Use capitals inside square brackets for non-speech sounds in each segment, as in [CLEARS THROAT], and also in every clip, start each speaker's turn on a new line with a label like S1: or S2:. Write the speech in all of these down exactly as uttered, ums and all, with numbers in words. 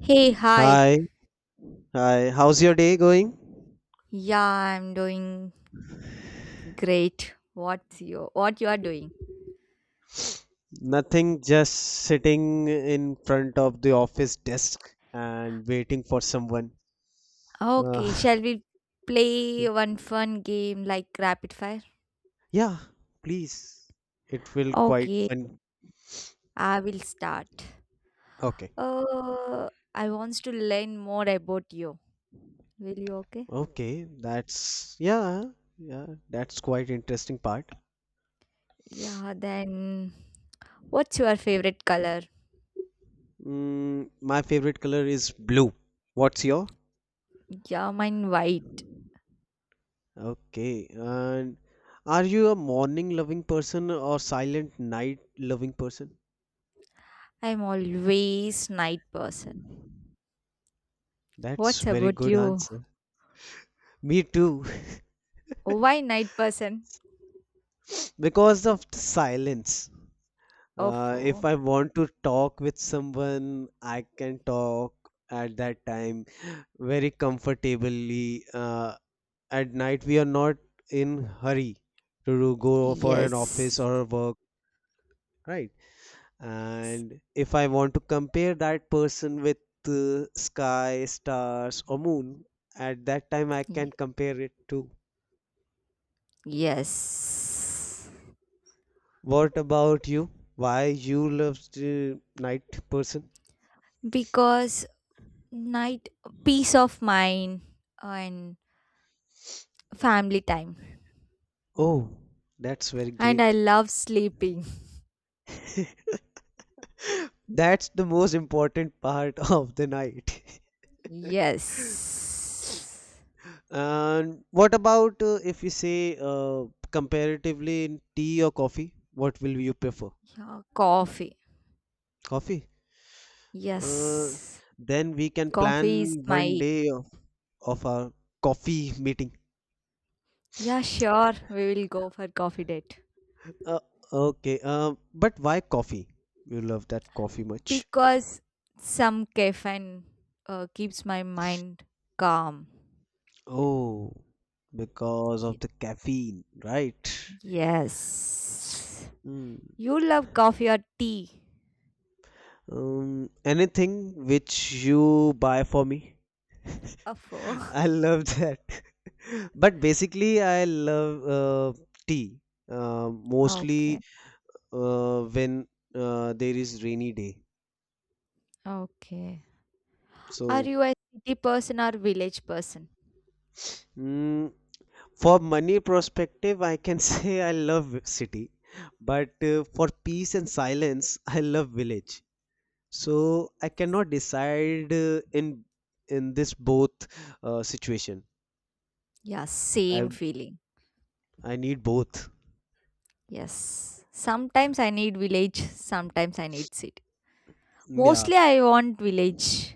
S1: Hey, hi.
S2: Hi, hi. How's your day going?
S1: Yeah, I'm doing great. What's your what you are doing?
S2: Nothing, just sitting in front of the office desk and waiting for someone. Uh,
S1: Okay, shall we play
S2: [LAUGHS]
S1: one fun game like rapid fire?
S2: yeah, please. It will quite
S1: Okay,
S2: fun.
S1: I will start.
S2: Okay.
S1: Uh, I wants to learn more about you. Will you okay?
S2: Okay, that's yeah, yeah, that's quite interesting part.
S1: Yeah, then what's your favorite color?
S2: Mm, my favorite color is blue. What's your?
S1: Yeah, mine white.
S2: Okay, and are you a morning loving person or silent night loving person?
S1: I'm always night person.
S2: That's
S1: What's
S2: very
S1: about
S2: good
S1: you?
S2: answer. Me too. [LAUGHS]
S1: Why night person?
S2: Because of the silence. Uh, if
S1: Oh,
S2: I want to talk with someone, I can talk at that time very comfortably. Uh, at night, we are not in hurry to do- go for an
S1: yes.
S2: office or a work, right? And if I want to compare that person with uh, sky, stars, or moon, at that time I can
S1: Ye-
S2: compare it to.
S1: Yes.
S2: What about you? Why you love the night person?
S1: Because night peace of mind and family time.
S2: Oh, that's very
S1: And I
S2: great.
S1: love sleeping. [LAUGHS]
S2: [LAUGHS] That's the most important part [LAUGHS] of the night. [LAUGHS]
S1: Yes.
S2: And what about uh, if you say uh, comparatively in tea or coffee? What will you prefer?
S1: Yeah, coffee.
S2: Coffee? Uh,
S1: Yes.
S2: then we can
S1: Coffee is
S2: plan one
S1: my.
S2: day of, of our coffee meeting.
S1: Yeah, sure. We will go for coffee date.
S2: Uh, okay, uh, but why coffee? You love that coffee much.
S1: Because some caffeine uh, keeps my mind calm.
S2: Oh, because
S1: Ye-
S2: of the caffeine, right?
S1: Yes.
S2: Hmm.
S1: You love coffee or tea?
S2: Um, anything which you buy for me.
S1: Afo.
S2: [LAUGHS] I
S1: [LAUGHS]
S2: love that. [LAUGHS] But basically, I love uh, tea, uh, mostly
S1: Okay,
S2: uh, when uh, there is rainy day.
S1: okay. Are
S2: So,
S1: you a city person or village person?
S2: mm, for money perspective, I can [LAUGHS] say I love city, but uh, for peace and silence, I love village. So I cannot decide uh, in in this both uh, situation.
S1: Yeah,
S2: I
S1: same feeling.
S2: I need both.
S1: Yes. Sometimes I need village, sometimes I need city.
S2: Yeah,
S1: Mostly I want village.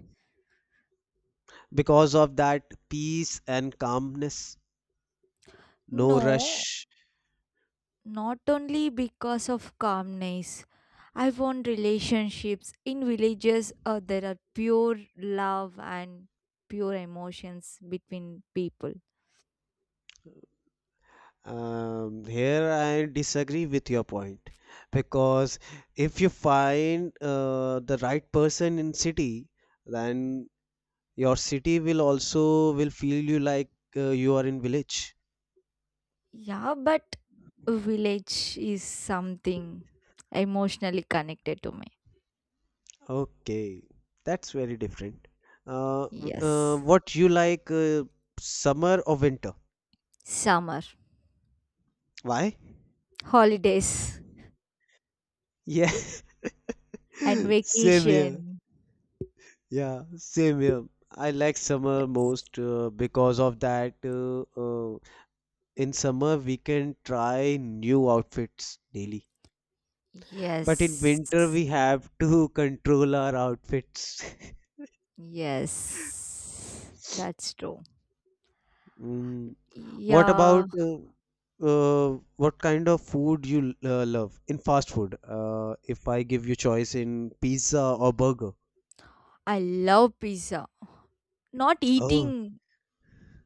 S2: because of that peace and calmness, no
S1: No,
S2: rush.
S1: not only because of calmness. I want relationships. In villages, uh, there are pure love and pure emotions between people.
S2: Um, here I disagree with your point because if you find uh, the right person in city, then your city will also will feel you like uh, you are in village.
S1: Yeah, but village is something emotionally connected to me.
S2: Okay, that's very different. Uh, w- uh,
S1: Yes.
S2: what you like, uh, summer or winter?
S1: Summer,
S2: Why?
S1: holidays,
S2: Yeah,
S1: and
S2: [LAUGHS] same here.
S1: vacation.
S2: Yeah, same here. I like summer
S1: Yes.
S2: most uh, because of that. Uh, uh, in summer, we can try new outfits daily. But in
S1: Yes.
S2: winter, we have to [LAUGHS] control our outfits. [LAUGHS]
S1: Yes. That's true.
S2: Mm. What about
S1: Yeah,
S2: uh, uh, what kind of food you uh, love in fast food? Uh, if I give you choice in pizza or burger.
S1: I love pizza. Not
S2: Oh,
S1: eating,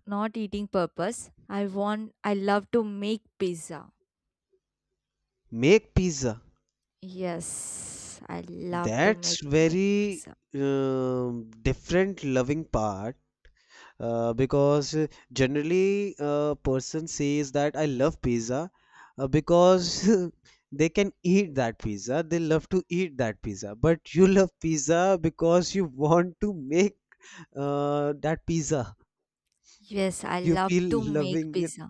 S1: not eating purpose. I want, I love to make pizza.
S2: make pizza.
S1: Yes, I love to make,
S2: That's
S1: make
S2: very
S1: pizza.
S2: um, different loving part. Uh, because uh, generally a person says that I love pizza uh, because [LAUGHS] they can eat that pizza. They love to eat that pizza. But you love pizza because you want to make uh, that pizza.
S1: Yes, I
S2: You
S1: love to
S2: feel
S1: make
S2: loving it.
S1: pizza.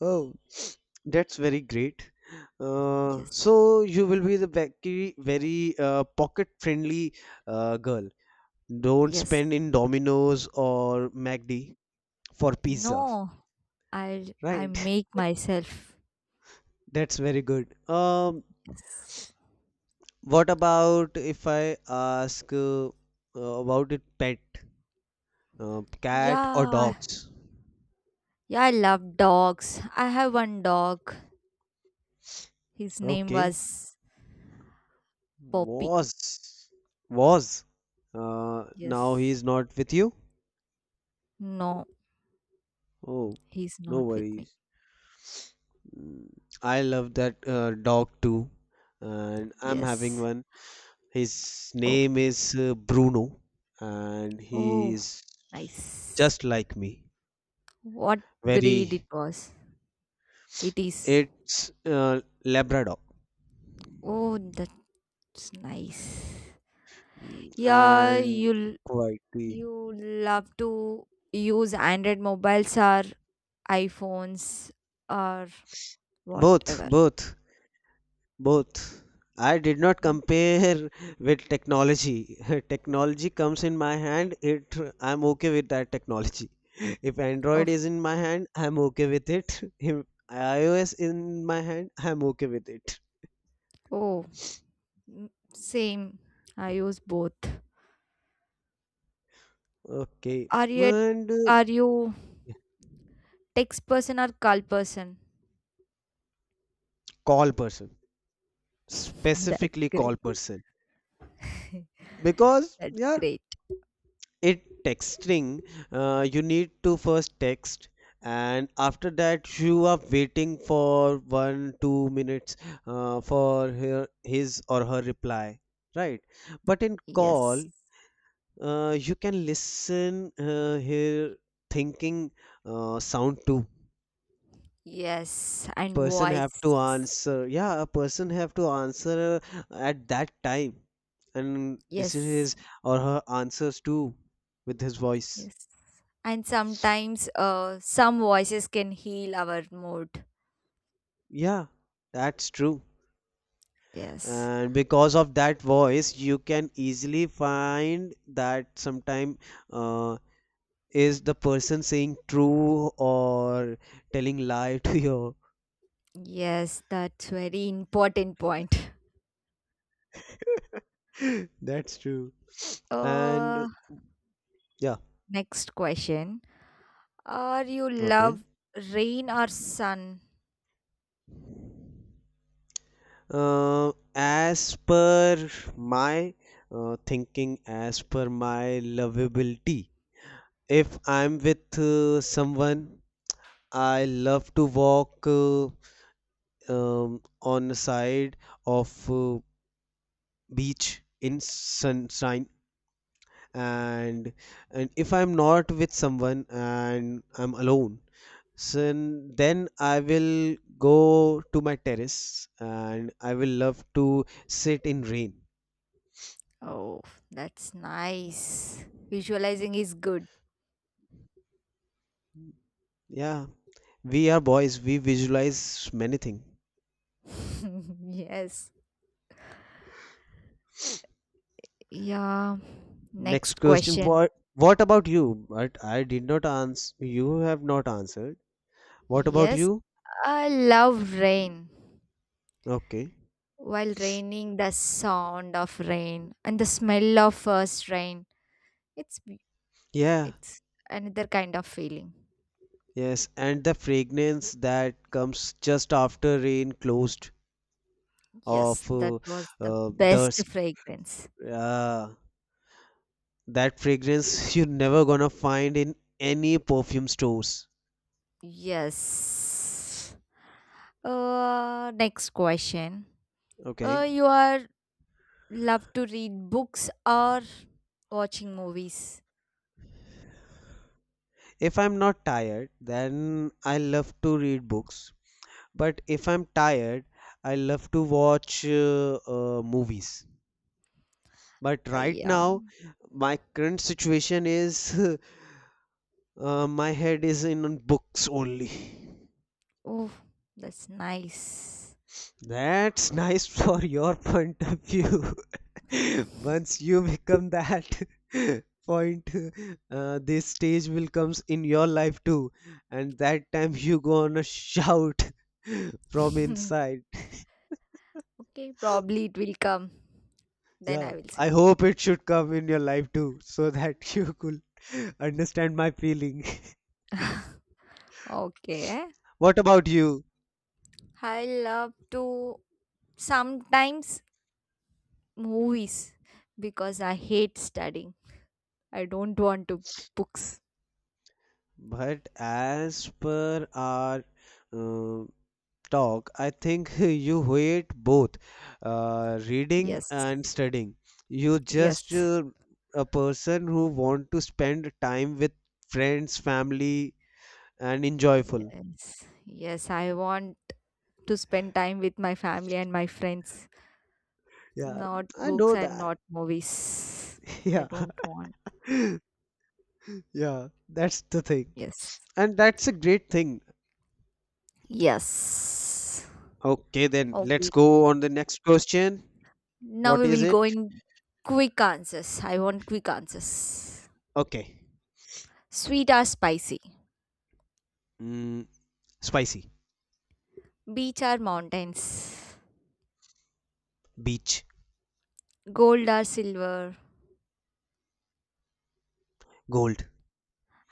S2: Oh, [SNIFFS] that's very great. Uh,
S1: Yes.
S2: so you will be the very, very uh, pocket friendly uh, girl. Don't
S1: Yes.
S2: spend in Domino's or MacD for pizza,
S1: No, I I
S2: right?
S1: make myself.
S2: That's very good. Um,
S1: Yes.
S2: what about if I ask uh, uh, about it pet, uh, cat or
S1: Yeah.
S2: dogs?
S1: Yeah, I love dogs. I have one dog. His name
S2: Okay.
S1: was Poppy.
S2: Was was uh, now
S1: Yes.
S2: he's not with you?
S1: No,
S2: Oh,
S1: he's
S2: no
S1: not with me.
S2: worries. Mm, I love that uh, dog too, and I'm having
S1: Yes.
S2: one. His
S1: Oh.
S2: name is uh, Bruno, and he
S1: Oh,
S2: is
S1: nice.
S2: just like me.
S1: What breed it
S2: Very
S1: was? It is.
S2: It's uh, Labrador.
S1: Oh, that's nice.
S2: Mm,
S1: Yeah,
S2: and
S1: you'll
S2: Hawaii.
S1: You love to use Android mobiles or iPhones or
S2: Both,
S1: whatever.
S2: both, both. I did not compare [LAUGHS] with technology. [LAUGHS] Technology comes in my hand. It I'm okay with that technology. [LAUGHS] If Android
S1: Of
S2: is in my hand, I'm okay with it. [LAUGHS] If iOS in my hand, I'm okay with it.
S1: Oh, mm, same. I use both.
S2: Okay,
S1: Are you
S2: and uh,
S1: are you text person or call person?
S2: call person,
S1: [LAUGHS] That's
S2: specifically
S1: great.
S2: call person,
S1: [LAUGHS]
S2: because
S1: That's
S2: yeah,
S1: great.
S2: it texting, uh, you need to first text, and after that you are waiting for one two minutes uh, for her, his or her reply, right? But in call
S1: Yes.
S2: uh, you can listen uh, her thinking uh, sound too.
S1: Yes. And
S2: Person have
S1: voice.
S2: to answer Yeah, a person have to answer uh, at that time, and listen
S1: Yes,
S2: his or her answers too with his voice.
S1: yes. And sometimes uh, some voices can heal our mood.
S2: Yeah, that's true.
S1: Yes.
S2: And because of that voice, you can easily find that sometime uh, is the person saying true or telling lie to you.
S1: Yes, that's very important point. [LAUGHS]
S2: [LAUGHS] That's true. And
S1: Uh,
S2: yeah,
S1: Next question. Are you
S2: okay.
S1: love rain or sun?
S2: Uh, as per my uh, thinking, as per my lovability, if I'm with uh, someone, I love to walk. Uh, um, on the side of uh, beach in sunshine. And and if I'm not with someone and I'm alone, so then I will go to my terrace and I will love to sit in rain.
S1: Oh, that's nice. Visualizing is good.
S2: Yeah, we are boys, we visualize many things.
S1: [LAUGHS] Yes. Yeah.
S2: Next
S1: Next
S2: question.
S1: question.
S2: What what about you? But i did not answer you have not answered. What about
S1: Yes,
S2: you?
S1: I love rain.
S2: Okay.
S1: While raining, the sound of rain and the smell of first rain, it's be-
S2: Yeah,
S1: it's another kind of feeling.
S2: yes, and the fragrance that comes just after rain closed
S1: Yes,
S2: of
S1: that
S2: uh,
S1: was the
S2: uh,
S1: best
S2: dust.
S1: fragrance.
S2: Uh, that fragrance [LAUGHS] you're never gonna find in any perfume stores.
S1: Yes. Uh next question. Uh
S2: Okay.
S1: you are love to read books or watching movies?
S2: If I'm not tired, then I love to read books. But if I'm tired, I love to watch uh, uh, movies. But
S1: Uh,
S2: right
S1: yeah.
S2: now, my current situation is [LAUGHS] uh, my head is in on books only.
S1: Oh, that's nice.
S2: That's nice for your point of view. [LAUGHS] Once
S1: [LAUGHS]
S2: you become that [LAUGHS] point, uh, this stage will comes in your life too, and that time you gonna shout [LAUGHS] from inside.
S1: Okay, probably it will come. Then
S2: Yeah,
S1: I will see.
S2: I hope it should come in your life too, so that [LAUGHS] you could understand my feeling. [LAUGHS]
S1: Okay.
S2: What about you?
S1: I love to sometimes movies because I hate studying. I don't want to books.
S2: But as per our uh, talk, I think [LAUGHS] you hate both uh, reading
S1: Yes.
S2: and studying. You just
S1: Yes.
S2: uh, a person who want to spend time with friends, family, and enjoyful.
S1: Yes. Yes, I want to spend time with my family and my friends,
S2: Yeah,
S1: not
S2: I
S1: books
S2: know
S1: and
S2: that.
S1: not movies.
S2: [LAUGHS]
S1: I
S2: Yeah,
S1: don't want.
S2: [LAUGHS] yeah, that's the thing,
S1: Yes.
S2: and that's a great thing.
S1: Yes.
S2: Okay, then let's
S1: Okay.
S2: go on the next question.
S1: Now
S2: What
S1: we
S2: is
S1: will
S2: it?
S1: go in quick answers. I want quick answers.
S2: Okay,
S1: Sweet or spicy?
S2: mm, spicy,
S1: Beach or mountains?
S2: beach,
S1: Gold or silver?
S2: gold.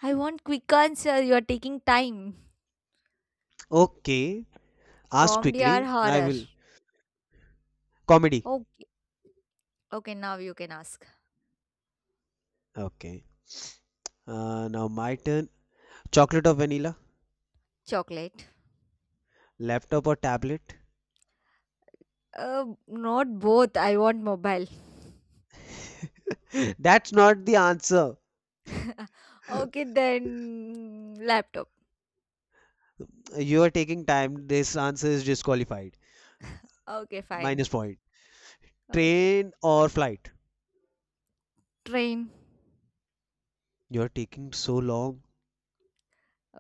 S1: I want quick answer. You are taking time.
S2: Okay, ask
S1: Comedy or
S2: quickly. I
S1: horror?
S2: will Comedy.
S1: Okay. Okay, now you can ask.
S2: Okay. Uh, now my turn. Chocolate or vanilla?
S1: Chocolate.
S2: Laptop or tablet?
S1: Uh, not both. I want mobile.
S2: [LAUGHS] That's not the answer.
S1: [LAUGHS] Okay,
S2: [LAUGHS]
S1: then laptop.
S2: You are taking time. This answer is disqualified.
S1: Okay, fine.
S2: Minus point.
S1: Okay.
S2: Train or flight?
S1: Train.
S2: You're taking so long,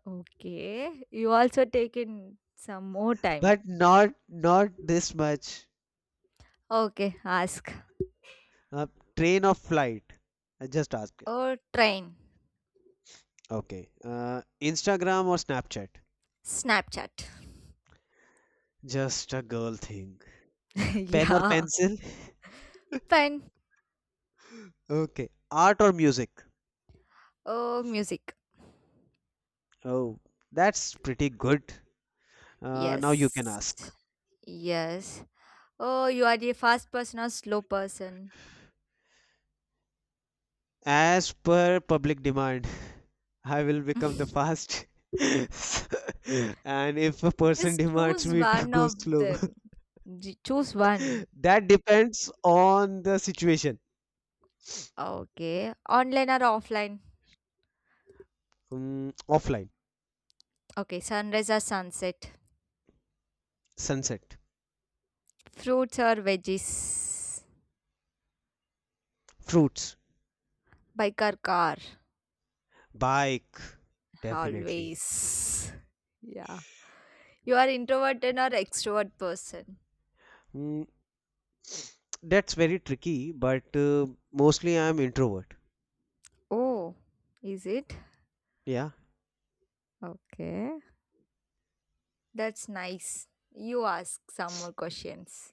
S1: Okay. You also taken some more time.
S2: but not not this much.
S1: Okay, ask.
S2: Uh, Train or flight? I just ask it.
S1: Oh, train.
S2: Okay. Uh, Instagram or Snapchat?
S1: Snapchat.
S2: Just a girl thing.
S1: [LAUGHS]
S2: Pen or
S1: Yeah.
S2: pencil? [LAUGHS]
S1: Pen.
S2: Okay. Art or music?
S1: Oh, music.
S2: Oh, that's pretty good. Uh, now you can
S1: Yes.
S2: ask.
S1: Yes. Oh, you are the fast person or slow person?
S2: As per public demand, [LAUGHS] I will become the fast.
S1: [LAUGHS]
S2: [LAUGHS] And if a person
S1: Just
S2: demands
S1: choose
S2: me to
S1: one
S2: go
S1: of
S2: slow,
S1: them. J- Choose one.
S2: [LAUGHS] that depends on the situation.
S1: Okay. Online or offline?
S2: Mm, offline,
S1: Okay. Sunrise or sunset?
S2: sunset,
S1: Fruits or veggies?
S2: fruits,
S1: Bike or car?
S2: bike, definitely.
S1: Always. Yeah. You are introverted or extrovert person?
S2: Mm, that's very tricky, but uh, mostly I'm introvert.
S1: Oh, is it?
S2: Yeah.
S1: Okay. That's nice. You ask some more questions.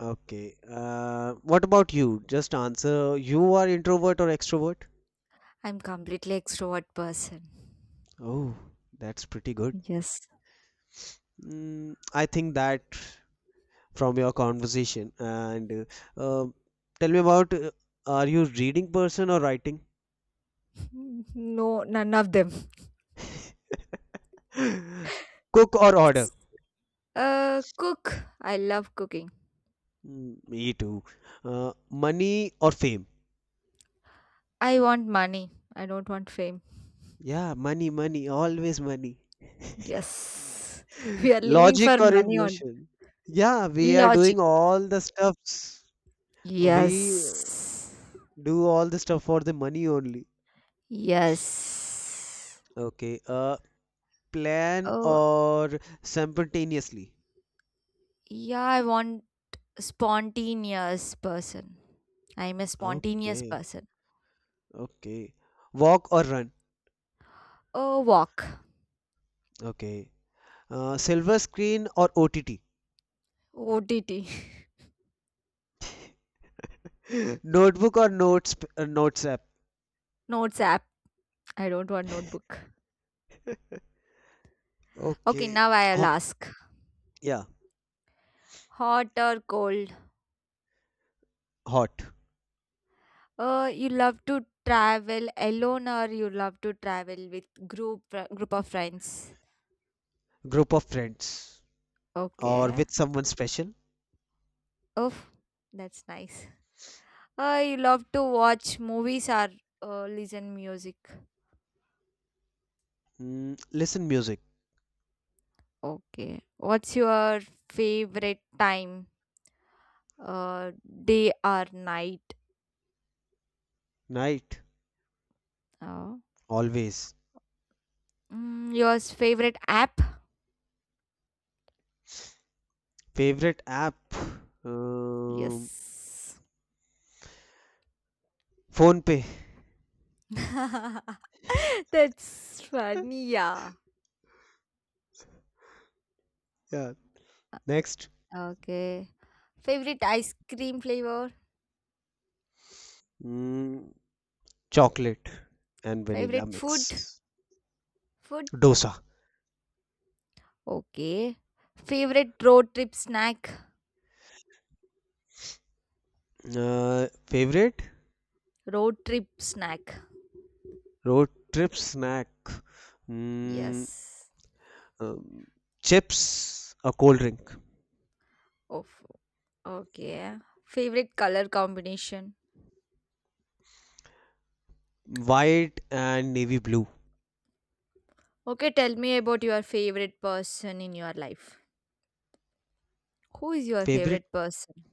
S2: Okay. Uh, what about you? Just answer. You are introvert or extrovert?
S1: I'm completely extrovert person.
S2: Oh, that's pretty good.
S1: Yes.
S2: Mm, I think that from your conversation and uh, um, tell me about uh, are you reading person or writing?
S1: Mm, No, none of them.
S2: [LAUGHS] Cook or order?
S1: S- Uh, cook. I love cooking.
S2: Mm, me too. Uh, money or fame?
S1: I want money. I don't want fame.
S2: Yeah, money, money, always money.
S1: Yes. We are
S2: [LAUGHS]
S1: living
S2: Logic
S1: for
S2: or
S1: money on
S2: emotion? Yeah, we are
S1: logic.
S2: doing all the stuffs. We
S1: Yes.
S2: do all the stuff for the money only.
S1: Yes.
S2: Okay. Uh, plan
S1: Oh,
S2: or simultaneously?
S1: yeah, I want spontaneous person. I'm a spontaneous
S2: Okay.
S1: person.
S2: Okay. Walk or run?
S1: Oh, walk.
S2: Okay. Uh, silver screen or O T T?
S1: O T T. [LAUGHS]
S2: [LAUGHS] Notebook or notes uh, notes app?
S1: Notes app. I don't want notebook. Okay,
S2: Okay.
S1: now I'll
S2: Ho-
S1: ask.
S2: yeah.
S1: Hot or cold?
S2: Hot.
S1: Uh, you love to travel alone or you love to travel with group fr- group of friends?
S2: Group of friends or
S1: Okay.
S2: with someone special?
S1: Oh, that's nice. Uh, you love to watch movies or uh, listen music.
S2: Mm, listen music.
S1: Okay. What's your favorite time? Uh, Day or night?
S2: Night.
S1: Oh.
S2: Always.
S1: Mm, your favorite app?
S2: Favorite app? Um,
S1: Yes.
S2: Phone pay.
S1: [LAUGHS] That's funny, yeah.
S2: Yeah. Next.
S1: Okay. Favorite ice cream flavor?
S2: Mm, chocolate and vanilla
S1: Favorite food?
S2: mix.
S1: Food?
S2: Dosa.
S1: Okay. Favorite road trip snack?
S2: Uh, favorite?
S1: Road trip snack.
S2: Road trip snack. Mm,
S1: Yes.
S2: um, Chips, a cold drink.
S1: Oh, okay. Favorite color combination?
S2: White and navy blue.
S1: Okay, tell me about your favorite person in your life. Who is your
S2: Favorite
S1: favorite person?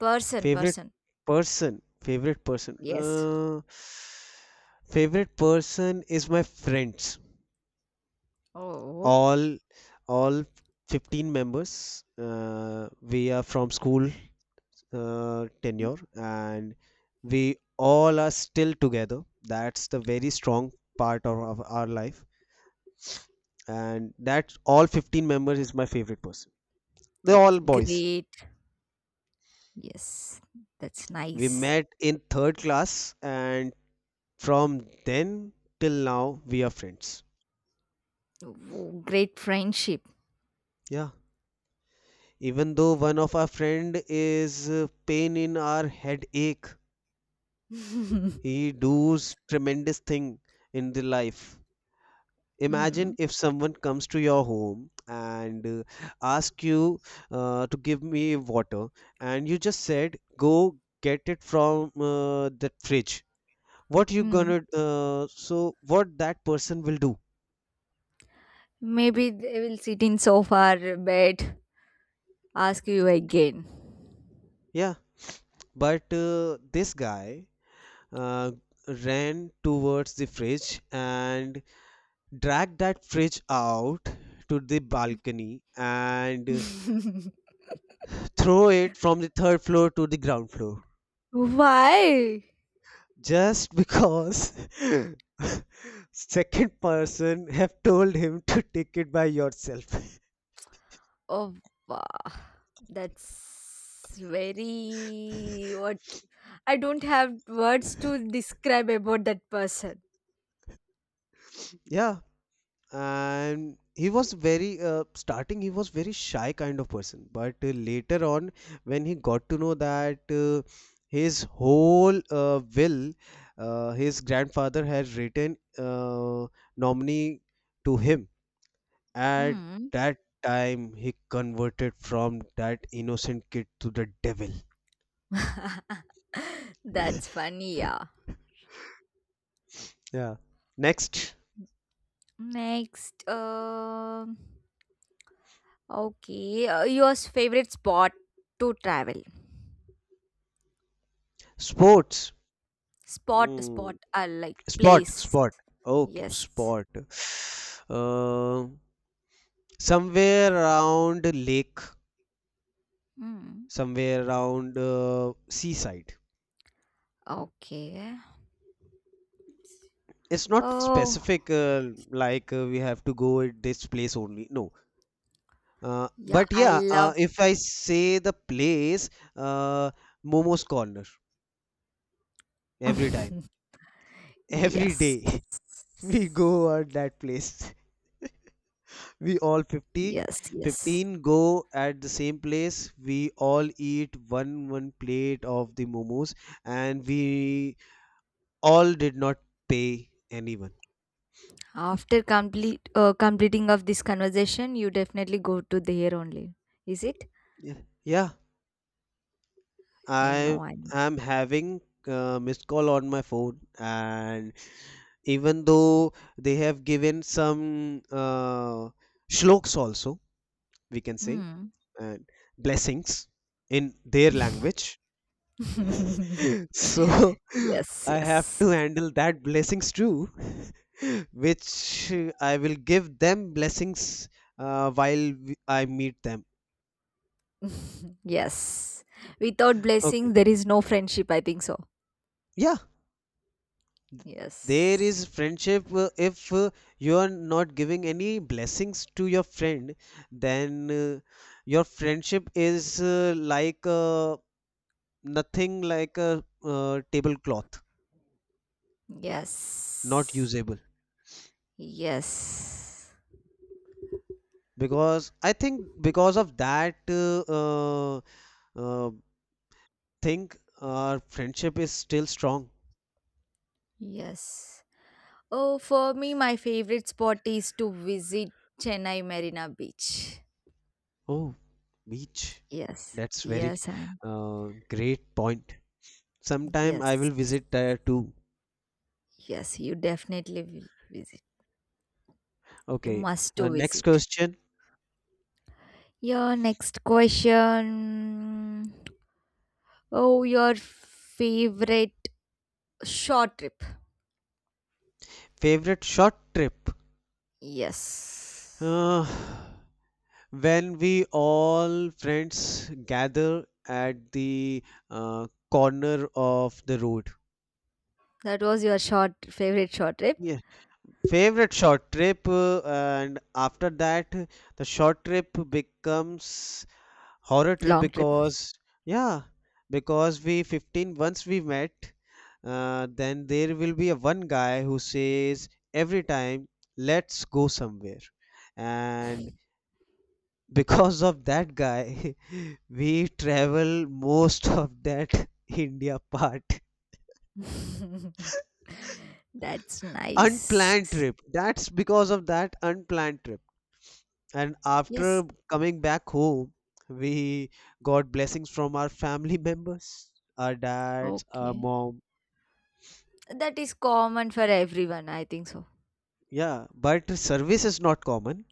S1: Person,
S2: favorite
S1: person.
S2: person. Favorite person.
S1: Yes.
S2: Uh, favorite person is my friends.
S1: Oh,
S2: All all fifteen members. Uh, we are from school uh,
S1: mm,
S2: tenure, and we all are still together. That's the very strong part of, of our life, and that's all fifteen members is my favorite person. They're
S1: that's
S2: all boys.
S1: great. Yes, that's
S2: We
S1: nice.
S2: met in third class, and from then till now we are friends.
S1: Oh, great friendship.
S2: Yeah, even though one of our friend is uh, pain in our headache,
S1: [LAUGHS] Mm.
S2: he does tremendous thing in the life. Imagine if someone comes to your home and uh, ask you uh, to give me water, and you just said go get it from uh, the fridge. What you
S1: Mm.
S2: gonna uh, So what that person will do?
S1: Maybe they will sit in sofa or bed, ask you
S2: Okay.
S1: again.
S2: Yeah, but uh, this guy uh, ran towards the fridge and dragged that fridge out to the balcony and
S1: [LAUGHS]
S2: throw it from the third floor to the ground floor,
S1: Why?
S2: just because [LAUGHS] second person have told him to take it by yourself.
S1: Oh, wow. That's very what. I don't have words to describe about that person.
S2: [LAUGHS] Yeah, and he was very uh, starting he was very shy kind of person, but uh, later on when he got to know that uh, his whole uh, will uh, his grandfather had written uh, nominee to him, at
S1: Hmm.
S2: that time he converted from that innocent kid to the devil.
S1: [LAUGHS] That's funny, yeah.
S2: Yeah. Next.
S1: Next, um okay, uh, your favorite spot to travel?
S2: Sports.
S1: Spot,
S2: Hmm.
S1: spot, uh, like
S2: sport
S1: place.
S2: sport Okay,
S1: Yes.
S2: sport. Um. Somewhere around lake,
S1: Mm.
S2: somewhere around uh, seaside.
S1: Okay.
S2: It's not
S1: Oh,
S2: specific uh, like uh, we have to go at this place only, no, uh,
S1: yeah,
S2: but
S1: I
S2: yeah, uh,
S1: love.
S2: if I say the place, uh, momo's corner, every time,
S1: [LAUGHS]
S2: every
S1: Yes.
S2: day, [LAUGHS] we go at that place. [LAUGHS] We all fifty
S1: Yes, yes.
S2: go at the same place, we all eat one one plate of the momos, and we all did not pay anyone.
S1: After complete uh, completing of this conversation, you definitely go to there only. Is it?
S2: Yeah, yeah,
S1: Eh,
S2: I
S1: no, I
S2: am having uh, missed call on my phone, and even though they have given some uh, shloks also, we can say,
S1: know.
S2: and blessings in their
S1: Mm.
S2: language.
S1: [LAUGHS]
S2: [LAUGHS] So [LAUGHS]
S1: Yes,
S2: I have
S1: yes.
S2: to handle that blessings too, [LAUGHS] which uh, I will give them blessings uh, while we- I meet them.
S1: [LAUGHS] Yes. Without
S2: Okay.
S1: blessing, there is no friendship. I think so.
S2: Yeah, There
S1: Yes.
S2: is friendship uh, if uh, you are not giving any blessings to your friend, then uh, your friendship is uh, like uh, nothing like a uh, tablecloth, not
S1: Yes.
S2: usable.
S1: Yes.
S2: Because I think because of that uh, uh, uh, thing, our friendship is still strong.
S1: Yes. Oh, for me, my favorite spot is to visit Chennai Marina Beach.
S2: Oh, beach.
S1: Yes.
S2: That's very
S1: Yes, I'm.
S2: uh, great point. Sometime I
S1: Yes.
S2: will visit there too.
S1: Yes, you definitely will visit. You
S2: Okay.
S1: must
S2: Uh,
S1: to
S2: next
S1: visit.
S2: question.
S1: Your next question. Oh, your favorite short trip.
S2: Favorite short trip?
S1: Yes.
S2: Uh, when we all friends gather at the uh, corner of the road.
S1: That was your short favorite short trip.
S2: Yeah. Favorite short trip, uh, and after that, the short trip becomes horror trip
S1: Long trip.
S2: because, yeah, because we fifteen, once we met, uh, then there will be a one guy who says every time, let's go somewhere. And because of that guy [LAUGHS] we travel most of that [LAUGHS] india part,
S1: [LAUGHS] That's
S2: unplanned
S1: nice.
S2: trip. That's because of that unplanned trip, and
S1: Yes.
S2: after coming back home we got blessings from our family [LAUGHS] members, our dads, our
S1: Okay.
S2: mom.
S1: That is common for everyone, I think so.
S2: Yeah, but service is not common.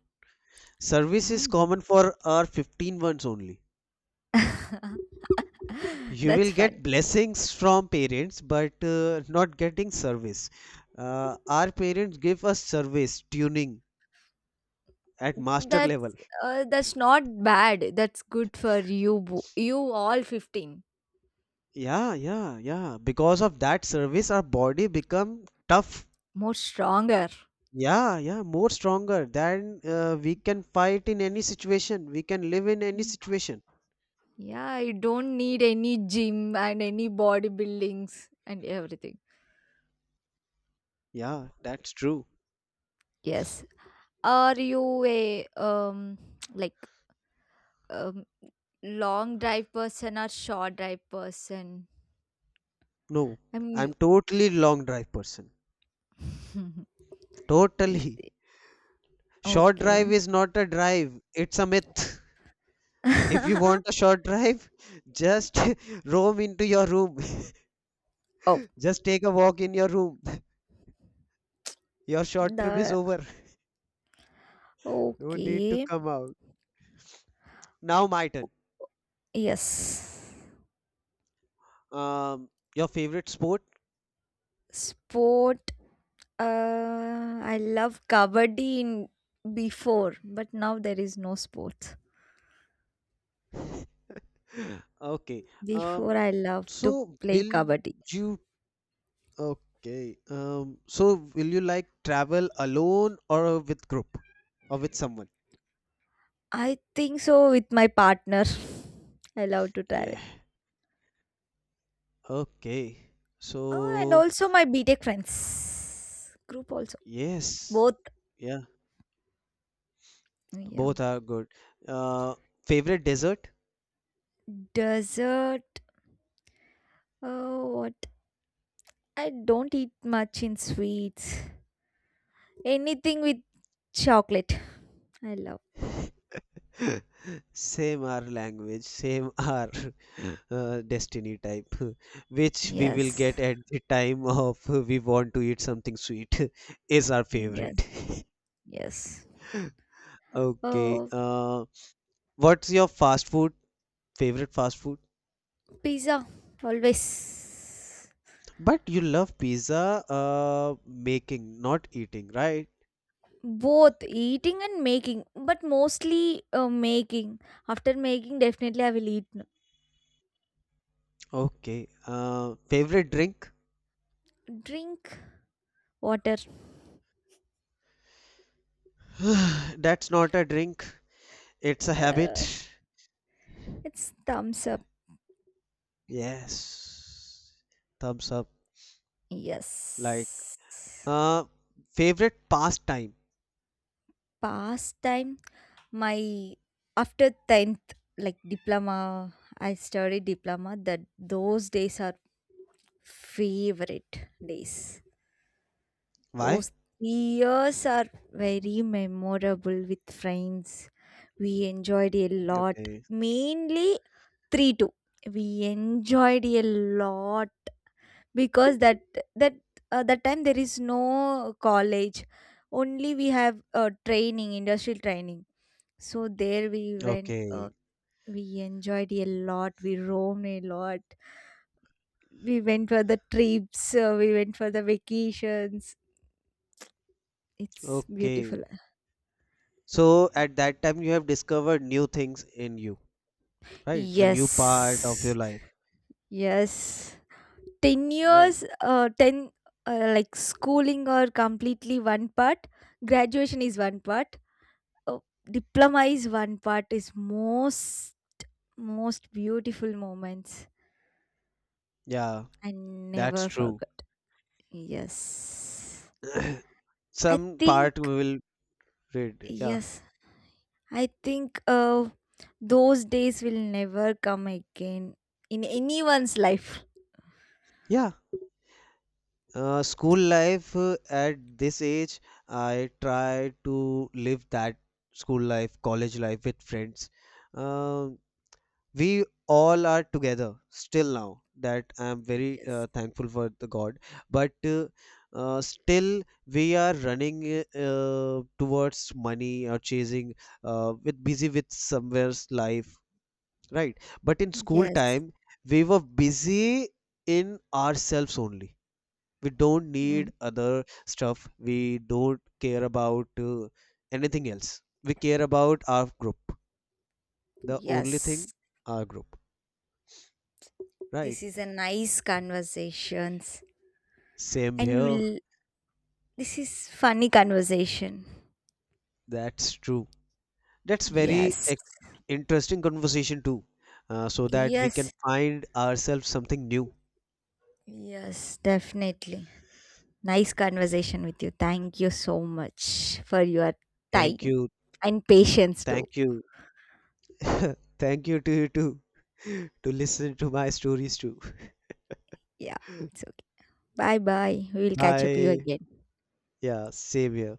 S2: Service is
S1: Mm.
S2: common for our fifteen ones only.
S1: [LAUGHS]
S2: You
S1: That's
S2: will get
S1: fun.
S2: blessings from parents but uh, not getting service. Uh, our parents give us service tuning at master level.
S1: That's uh, that's not bad. That's good for you. bo- You all fifteen.
S2: Yeah, yeah, yeah, because of that service our body become tough.
S1: More stronger.
S2: Yeah, yeah, more stronger than uh, we can fight in any situation, we can live in any
S1: Mm.
S2: situation.
S1: Yeah, you don't need any gym and any bodybuildings and everything.
S2: Yeah, that's true.
S1: Yes. Are you a um like um long drive person or short drive person?
S2: No,
S1: I mean,
S2: I'm totally long drive person,
S1: you. [LAUGHS]
S2: totally.
S1: Easy.
S2: Short drive
S1: Okay.
S2: is not a drive, it's a myth. If you
S1: [LAUGHS]
S2: want a short drive, just [LAUGHS] roam into your room. [LAUGHS]
S1: Oh,
S2: Just take a walk in your room. [LAUGHS] Your short trip is
S1: the
S2: over. [LAUGHS] No need to
S1: okay.
S2: come out. Now my turn.
S1: Yes.
S2: Um, your favorite sport?
S1: Sport. Uh, I love kabaddi in before, but now there is no sport.
S2: [LAUGHS] Okay.
S1: Before,
S2: Um,
S1: I love to
S2: so
S1: play
S2: will
S1: kabaddi.
S2: you, okay. Um, so will you like travel alone or with group or with someone?
S1: I think so with my partner. [LAUGHS] I love to travel.
S2: Yeah. Okay.
S1: Oh, and
S2: So,
S1: also my B Tech friends group also.
S2: yes.
S1: Both.
S2: Yeah.
S1: Yeah.
S2: Both are good. Uh, Favorite dessert?
S1: Dessert. Oh, what? I don't eat much in sweets. Anything with chocolate I love.
S2: [LAUGHS] Same our language, same our [LAUGHS] uh, destiny type, [LAUGHS] which we will
S1: Yes.
S2: get at the time of [LAUGHS] we want to eat something sweet, [LAUGHS] is our favorite.
S1: Yes.
S2: [LAUGHS]
S1: Yes.
S2: Okay.
S1: Oh,
S2: Uh, what's your fast food? Favorite fast food?
S1: pizza, always.
S2: But you love pizza, uh, making, not eating, right?
S1: Both eating and making, but mostly, uh, making. After making, definitely I will eat.
S2: Okay. Uh, favorite drink?
S1: Drink. Water.
S2: [SIGHS] That's not a drink. It's a
S1: uh,
S2: habit.
S1: it's thumbs up.
S2: Yes. Thumbs up. Like,
S1: Yes.
S2: uh, favorite pastime.
S1: Pastime. My after tenth, like diploma, I studied diploma, that those days are favorite days.
S2: Why?
S1: Those three years are very memorable with friends. We enjoyed a lot,
S2: Okay.
S1: mainly three two. We enjoyed a lot because that that uh, that time there is no college. Only we have uh, training, industrial training, so there we went. uh,
S2: Okay.
S1: We enjoyed a lot. We roamed a lot. We went for the trips. Uh, we went for the vacations. It's
S2: Okay.
S1: beautiful.
S2: So at that time you have discovered new things in you, right? A new part of your
S1: Yes.
S2: life,
S1: Yes. ten
S2: right?
S1: years, uh, ten, uh, like schooling or completely one part. Graduation is one part. Uh, Diploma is one part. Is most, most beautiful moments.
S2: Yeah,
S1: I
S2: that's
S1: never
S2: true.
S1: forgot. Yes.
S2: [COUGHS] [CLEARS THROAT]
S1: I
S2: Some
S1: think,
S2: part we will read. Yeah.
S1: yes. I think uh, those days will never come again in anyone's life.
S2: Yeah. Uh, school life uh, at this age, I try to live that school life, college life with friends. Um we all are together still now, that I am very uh,
S1: Yes.
S2: thankful for the god. But uh, uh, still we are running uh, towards money, or chasing uh, with busy with somewhere's life, right? But in school
S1: Yes.
S2: time we were busy in ourselves only. We don't need
S1: Mm.
S2: other stuff, we don't care about uh, anything else. We care about our group, the only
S1: Yes.
S2: thing, our group, right?
S1: This is a nice conversations,
S2: Same
S1: and
S2: here.
S1: we'll, this is funny conversation.
S2: That's true. That's very
S1: Yes.
S2: ex- interesting conversation too, uh, so that we can
S1: Yes.
S2: find ourselves something new.
S1: Yes, definitely. Nice conversation with you. Thank you so much for your
S2: Thank
S1: time
S2: you.
S1: and patience too.
S2: Thank you. [LAUGHS] Thank you to you too [LAUGHS] to listen to my stories too.
S1: Yeah, it's
S2: [LAUGHS]
S1: okay. Bye bye. We will catch up you
S2: Bye.
S1: again.
S2: Yeah, same here.